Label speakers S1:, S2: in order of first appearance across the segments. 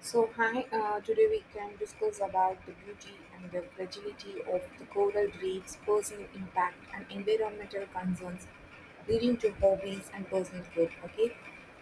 S1: So hi, today we can discuss about the beauty and the fragility of the coral reefs, personal impact and environmental concerns leading to hobbies and personal growth. Okay,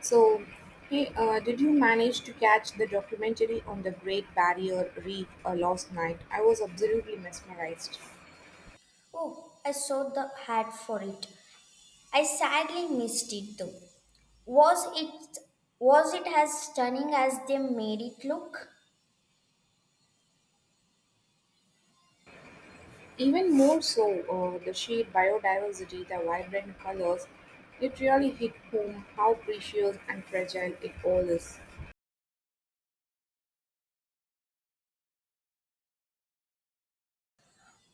S1: so hey, did you manage to catch the documentary on the Great Barrier Reef last night? I was absolutely mesmerized.
S2: Oh, I saw the hat for it. I sadly missed it though. Was it was it as stunning as they made it look?
S1: Even more so, the sheer biodiversity, the vibrant colors, it really hit home how precious and fragile it all is.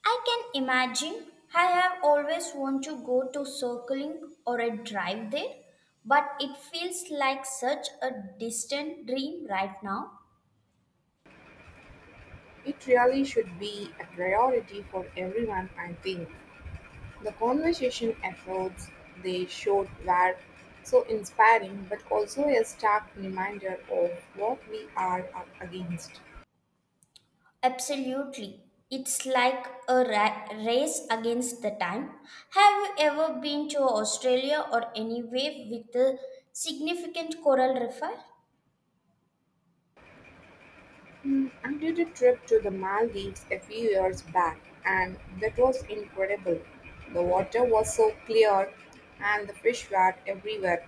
S2: I can imagine. I have always wanted to go to circling or a drive there, but it feels like such a distant dream right now.
S1: It really should be a priority for everyone, I think. The conversation efforts they showed were so inspiring, but also a stark reminder of what we are up against.
S2: Absolutely. It's like a race against the time. Have you ever been to Australia or anywhere with a significant coral reef?
S1: Hmm, I did a trip to the Maldives a few years back, and that was incredible. The water was so clear, and the fish were everywhere.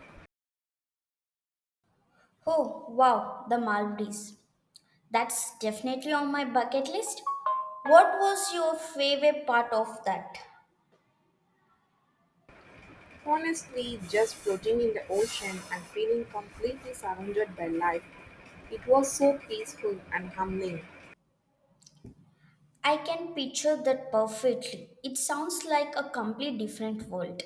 S2: Oh, wow, the Maldives. That's definitely on my bucket list. What was your favorite part of that?
S1: Honestly, just floating in the ocean and feeling completely surrounded by life. It was so peaceful and humbling.
S2: I can picture that perfectly. It sounds like a completely different world.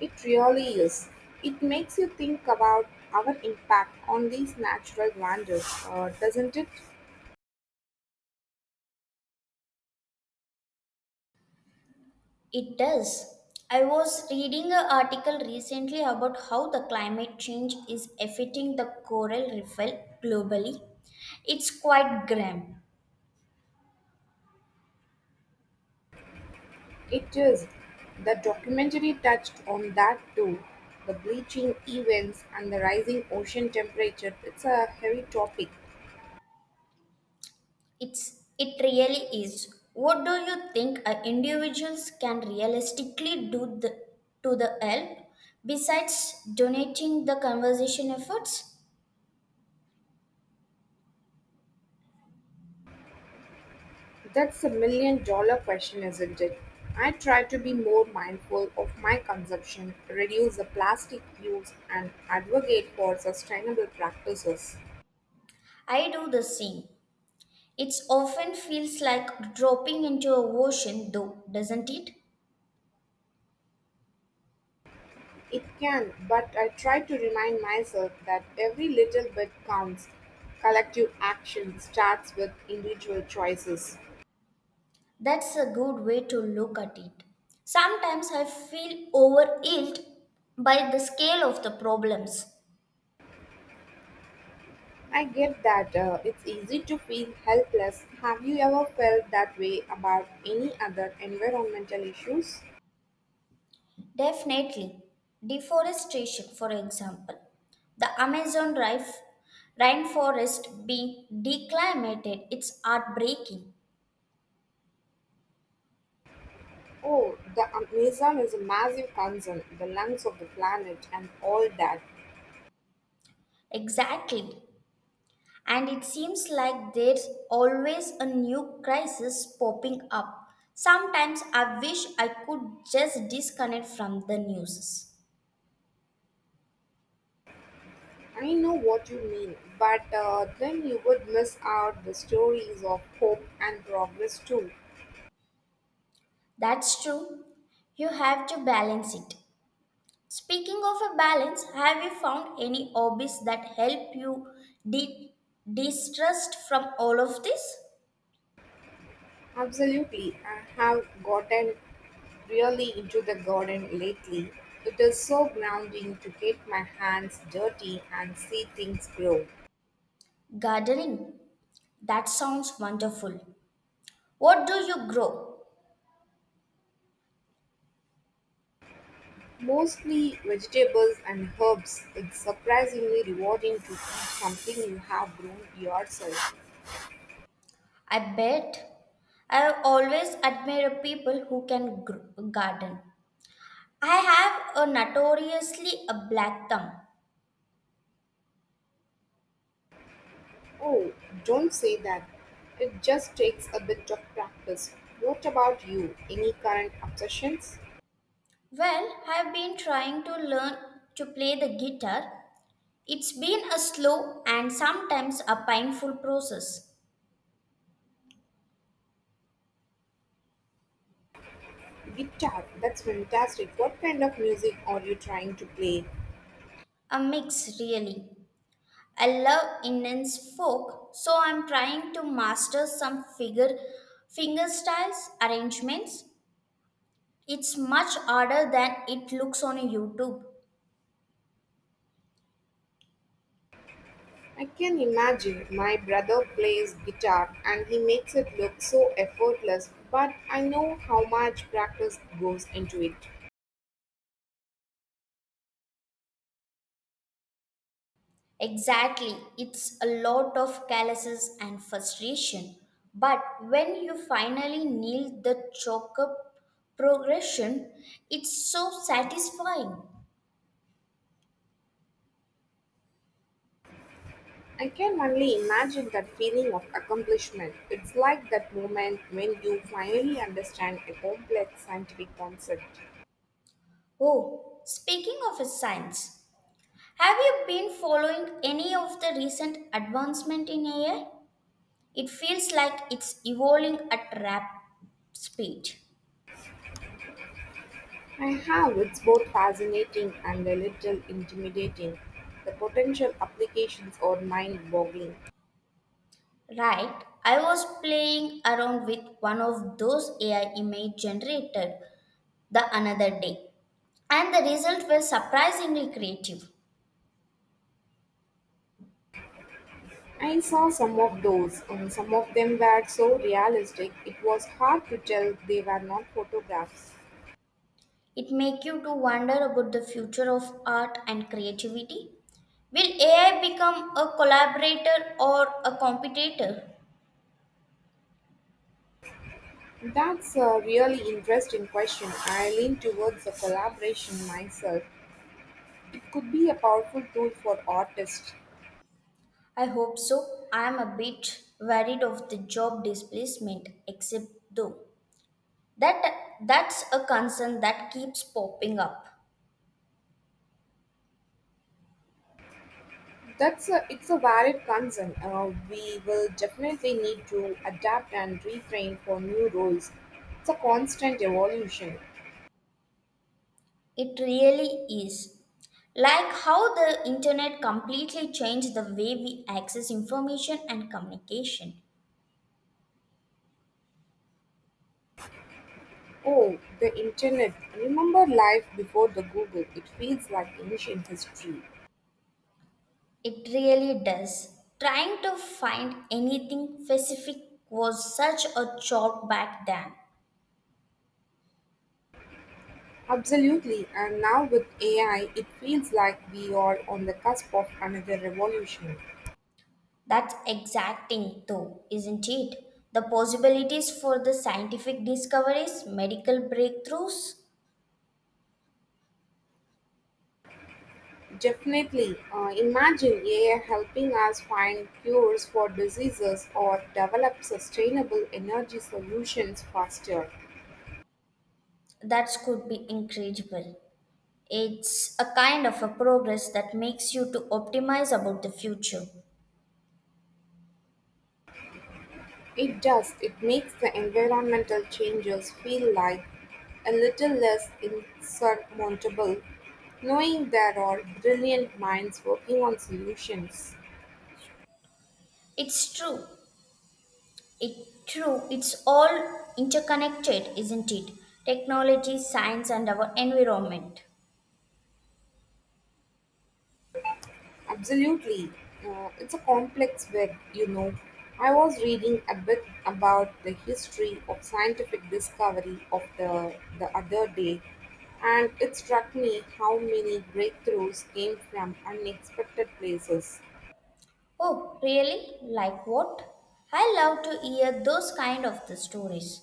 S1: It really is. It makes you think about our impact on these natural wonders, doesn't it?
S2: It does. I was reading an article recently about how the climate change is affecting the coral reef globally. It's quite grim.
S1: It is. The documentary touched on that too. The bleaching events and the rising ocean temperature. It's a heavy topic.
S2: It really is. What do you think individuals can realistically do the, to the help besides donating the conservation efforts?
S1: That's a $1 million question, isn't it? I try to be more mindful of my consumption, reduce the plastic use, and advocate for sustainable practices.
S2: I do the same. It often feels like dropping into a ocean though, doesn't it?
S1: It can, but I try to remind myself that every little bit counts. Collective action starts with individual choices.
S2: That's a good way to look at it. Sometimes I feel overwhelmed by the scale of the problems.
S1: I get that. It's easy to feel helpless. Have you ever felt that way about any other environmental issues?
S2: Definitely, deforestation, for example, the Amazon rainforest being declimated, it's heartbreaking.
S1: Oh, the Amazon is a massive concern, the lungs of the planet and all that.
S2: Exactly. And it seems like there's always a new crisis popping up. Sometimes I wish I could just disconnect from the news.
S1: I know what you mean, but then you would miss out the stories of hope and progress too.
S2: That's true. You have to balance it. Speaking of a balance, have you found any hobbies that help you de- distrust from all of this?
S1: Absolutely, I have gotten really into the garden lately. It is so grounding to get my hands dirty and see things grow.
S2: Gardening. That sounds wonderful. What do you grow?
S1: Mostly vegetables and herbs. It's surprisingly rewarding to eat something you have grown yourself.
S2: I bet. I have always admire people who can garden. I have a notoriously a black thumb.
S1: Oh, don't say that. It just takes a bit of practice. What about you? Any current obsessions?
S2: Well, I've been trying to learn to play the guitar. It's been a slow and sometimes a painful process.
S1: Guitar, that's fantastic. What kind of music are you trying to play?
S2: A mix, really. I love Indian's folk, so I'm trying to master some figure finger styles, arrangements. It's much harder than it looks on YouTube.
S1: I can imagine my brother plays guitar and he makes it look so effortless, but I know how much practice goes into it.
S2: Exactly, it's a lot of calluses and frustration. But when you finally nail the choke up progression, it's so satisfying.
S1: I can only imagine that feeling of accomplishment. It's like that moment when you finally understand a complex scientific concept.
S2: Oh, speaking of science, have you been following any of the recent advancement in AI? It feels like it's evolving at rapid speed.
S1: I have it's both fascinating and a little intimidating. The potential applications are mind boggling.
S2: Right, I was playing around with one of those AI image generated the another day, and the result was surprisingly creative.
S1: I saw some of those, and some of them were so realistic it was hard to tell they were not photographs.
S2: It make you to wonder about the future of art and creativity. Will AI become a collaborator or a competitor?
S1: That's a really interesting question. I lean towards the collaboration myself. It could be a powerful tool for artists.
S2: I hope so. I am a bit worried of the job displacement, except though that that's a concern that keeps popping up.
S1: It's a valid concern. We will definitely need to adapt and retrain for new roles. It's a constant evolution.
S2: It really is. Like how the internet completely changed the way we access information and communication.
S1: Oh, the internet. Remember life before the Google. It feels like ancient history.
S2: It really does. Trying to find anything specific was such a chore back then.
S1: Absolutely. And now with AI, it feels like we are on the cusp of another revolution.
S2: That's exacting, though, isn't it? The possibilities for the scientific discoveries, medical breakthroughs,
S1: Definitely, imagine AI helping us find cures for diseases or develop sustainable energy solutions faster.
S2: that could be incredible. It's a kind of a progress that makes you to optimize about the future.
S1: It does. It makes the environmental changes feel like a little less insurmountable, knowing there are brilliant minds working on solutions.
S2: It's true. It true. It's all interconnected, isn't it? Technology, science, and our environment.
S1: Absolutely. It's a complex web, you know. I was reading a bit about the history of scientific discovery of the other day, and it struck me how many breakthroughs came from unexpected places.
S2: Oh, really? Like what? I love to hear those kind of the stories.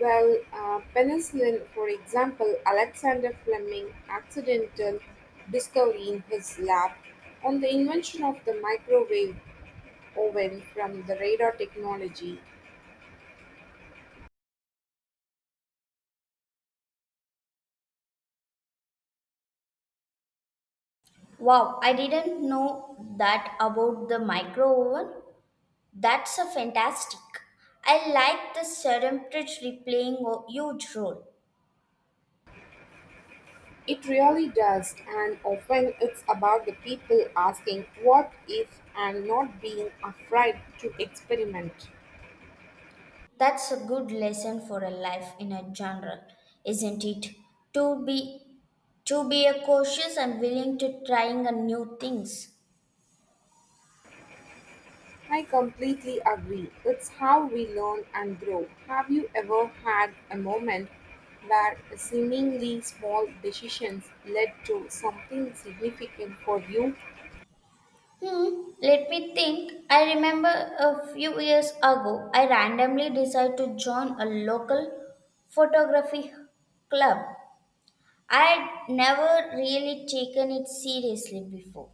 S1: Well, penicillin, for example, Alexander Fleming accidental discovery in his lab on the invention of the microwave oven from the radar technology.
S2: Wow, I didn't know that about the micro oven. That's a fantastic. I like the serendipity playing a huge role.
S1: It really does, and often it's about the people asking what if and not being afraid to experiment.
S2: That's a good lesson for a life in a general, isn't it? To be to be a cautious and willing to trying a new things.
S1: I completely agree. It's how we learn and grow. Have you ever had a moment where seemingly small decisions led to something significant for you?
S2: Hmm, let me think. I remember a few years ago, I randomly decided to join a local photography club. I'd never really taken it seriously before.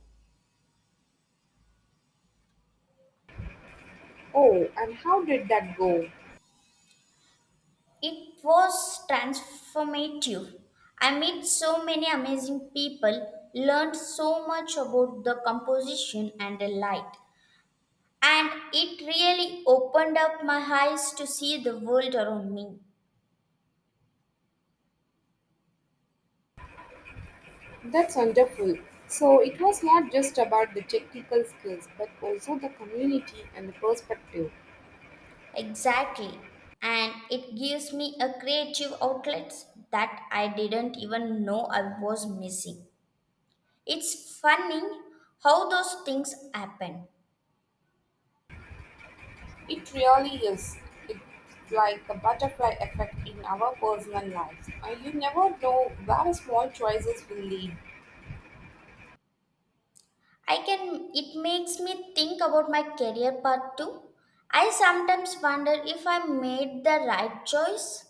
S1: Oh, and how did that go?
S2: It was transformative. I met so many amazing people, learned so much about the composition and the light, and it really opened up my eyes to see the world around me.
S1: That's wonderful. So it was not just about the technical skills, but also the community and the perspective.
S2: Exactly. And it gives me a creative outlet that I didn't even know I was missing. It's funny how those things happen.
S1: It really is. It's like a butterfly effect in our personal lives. You never know where small choices will lead.
S2: I can, it makes me think about my career path too. I sometimes wonder if I made the right choice.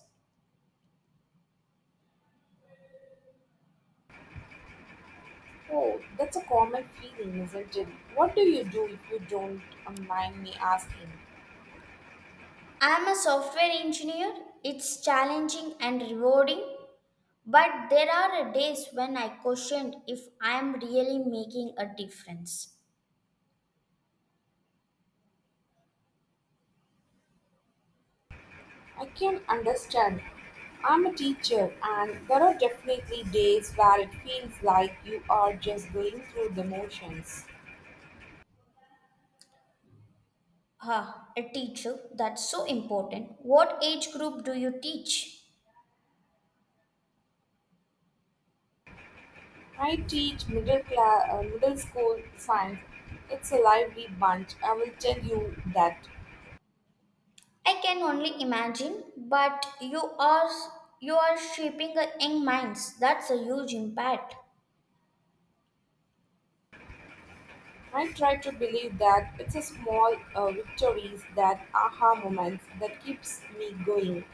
S1: Oh, that's a common feeling, isn't it? What do you do if you don't mind me asking?
S2: I'm a software engineer, it's challenging and rewarding, but there are days when I question if I'm really making a difference.
S1: I can understand. I'm a teacher, and there are definitely days where it feels like you are just going through the motions.
S2: Ah, a teacher, that's so important. What age group do you teach?
S1: I teach middle school science. It's a lively bunch. I will tell you that.
S2: I can only imagine, but you are shaping a young minds. That's a huge impact.
S1: I try to believe that it's a small victories, that aha moments that keeps me going.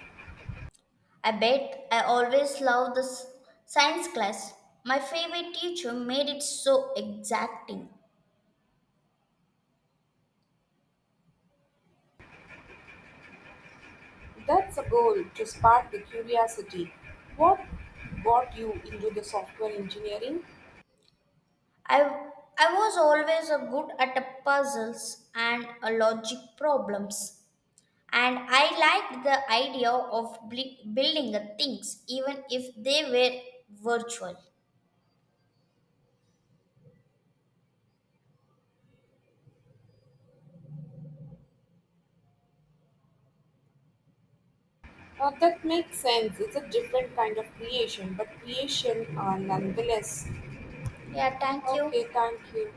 S2: I bet I always loved this science class. My favorite teacher made it so exacting.
S1: That's a goal to spark the curiosity. What brought you into the software engineering?
S2: I I was always a good at the puzzles and a logic problems. And I liked the idea of building the things even if they were virtual.
S1: That makes sense. It's a different kind of creation, but creation nonetheless.
S2: Yeah, thank you.
S1: Okay, thank you.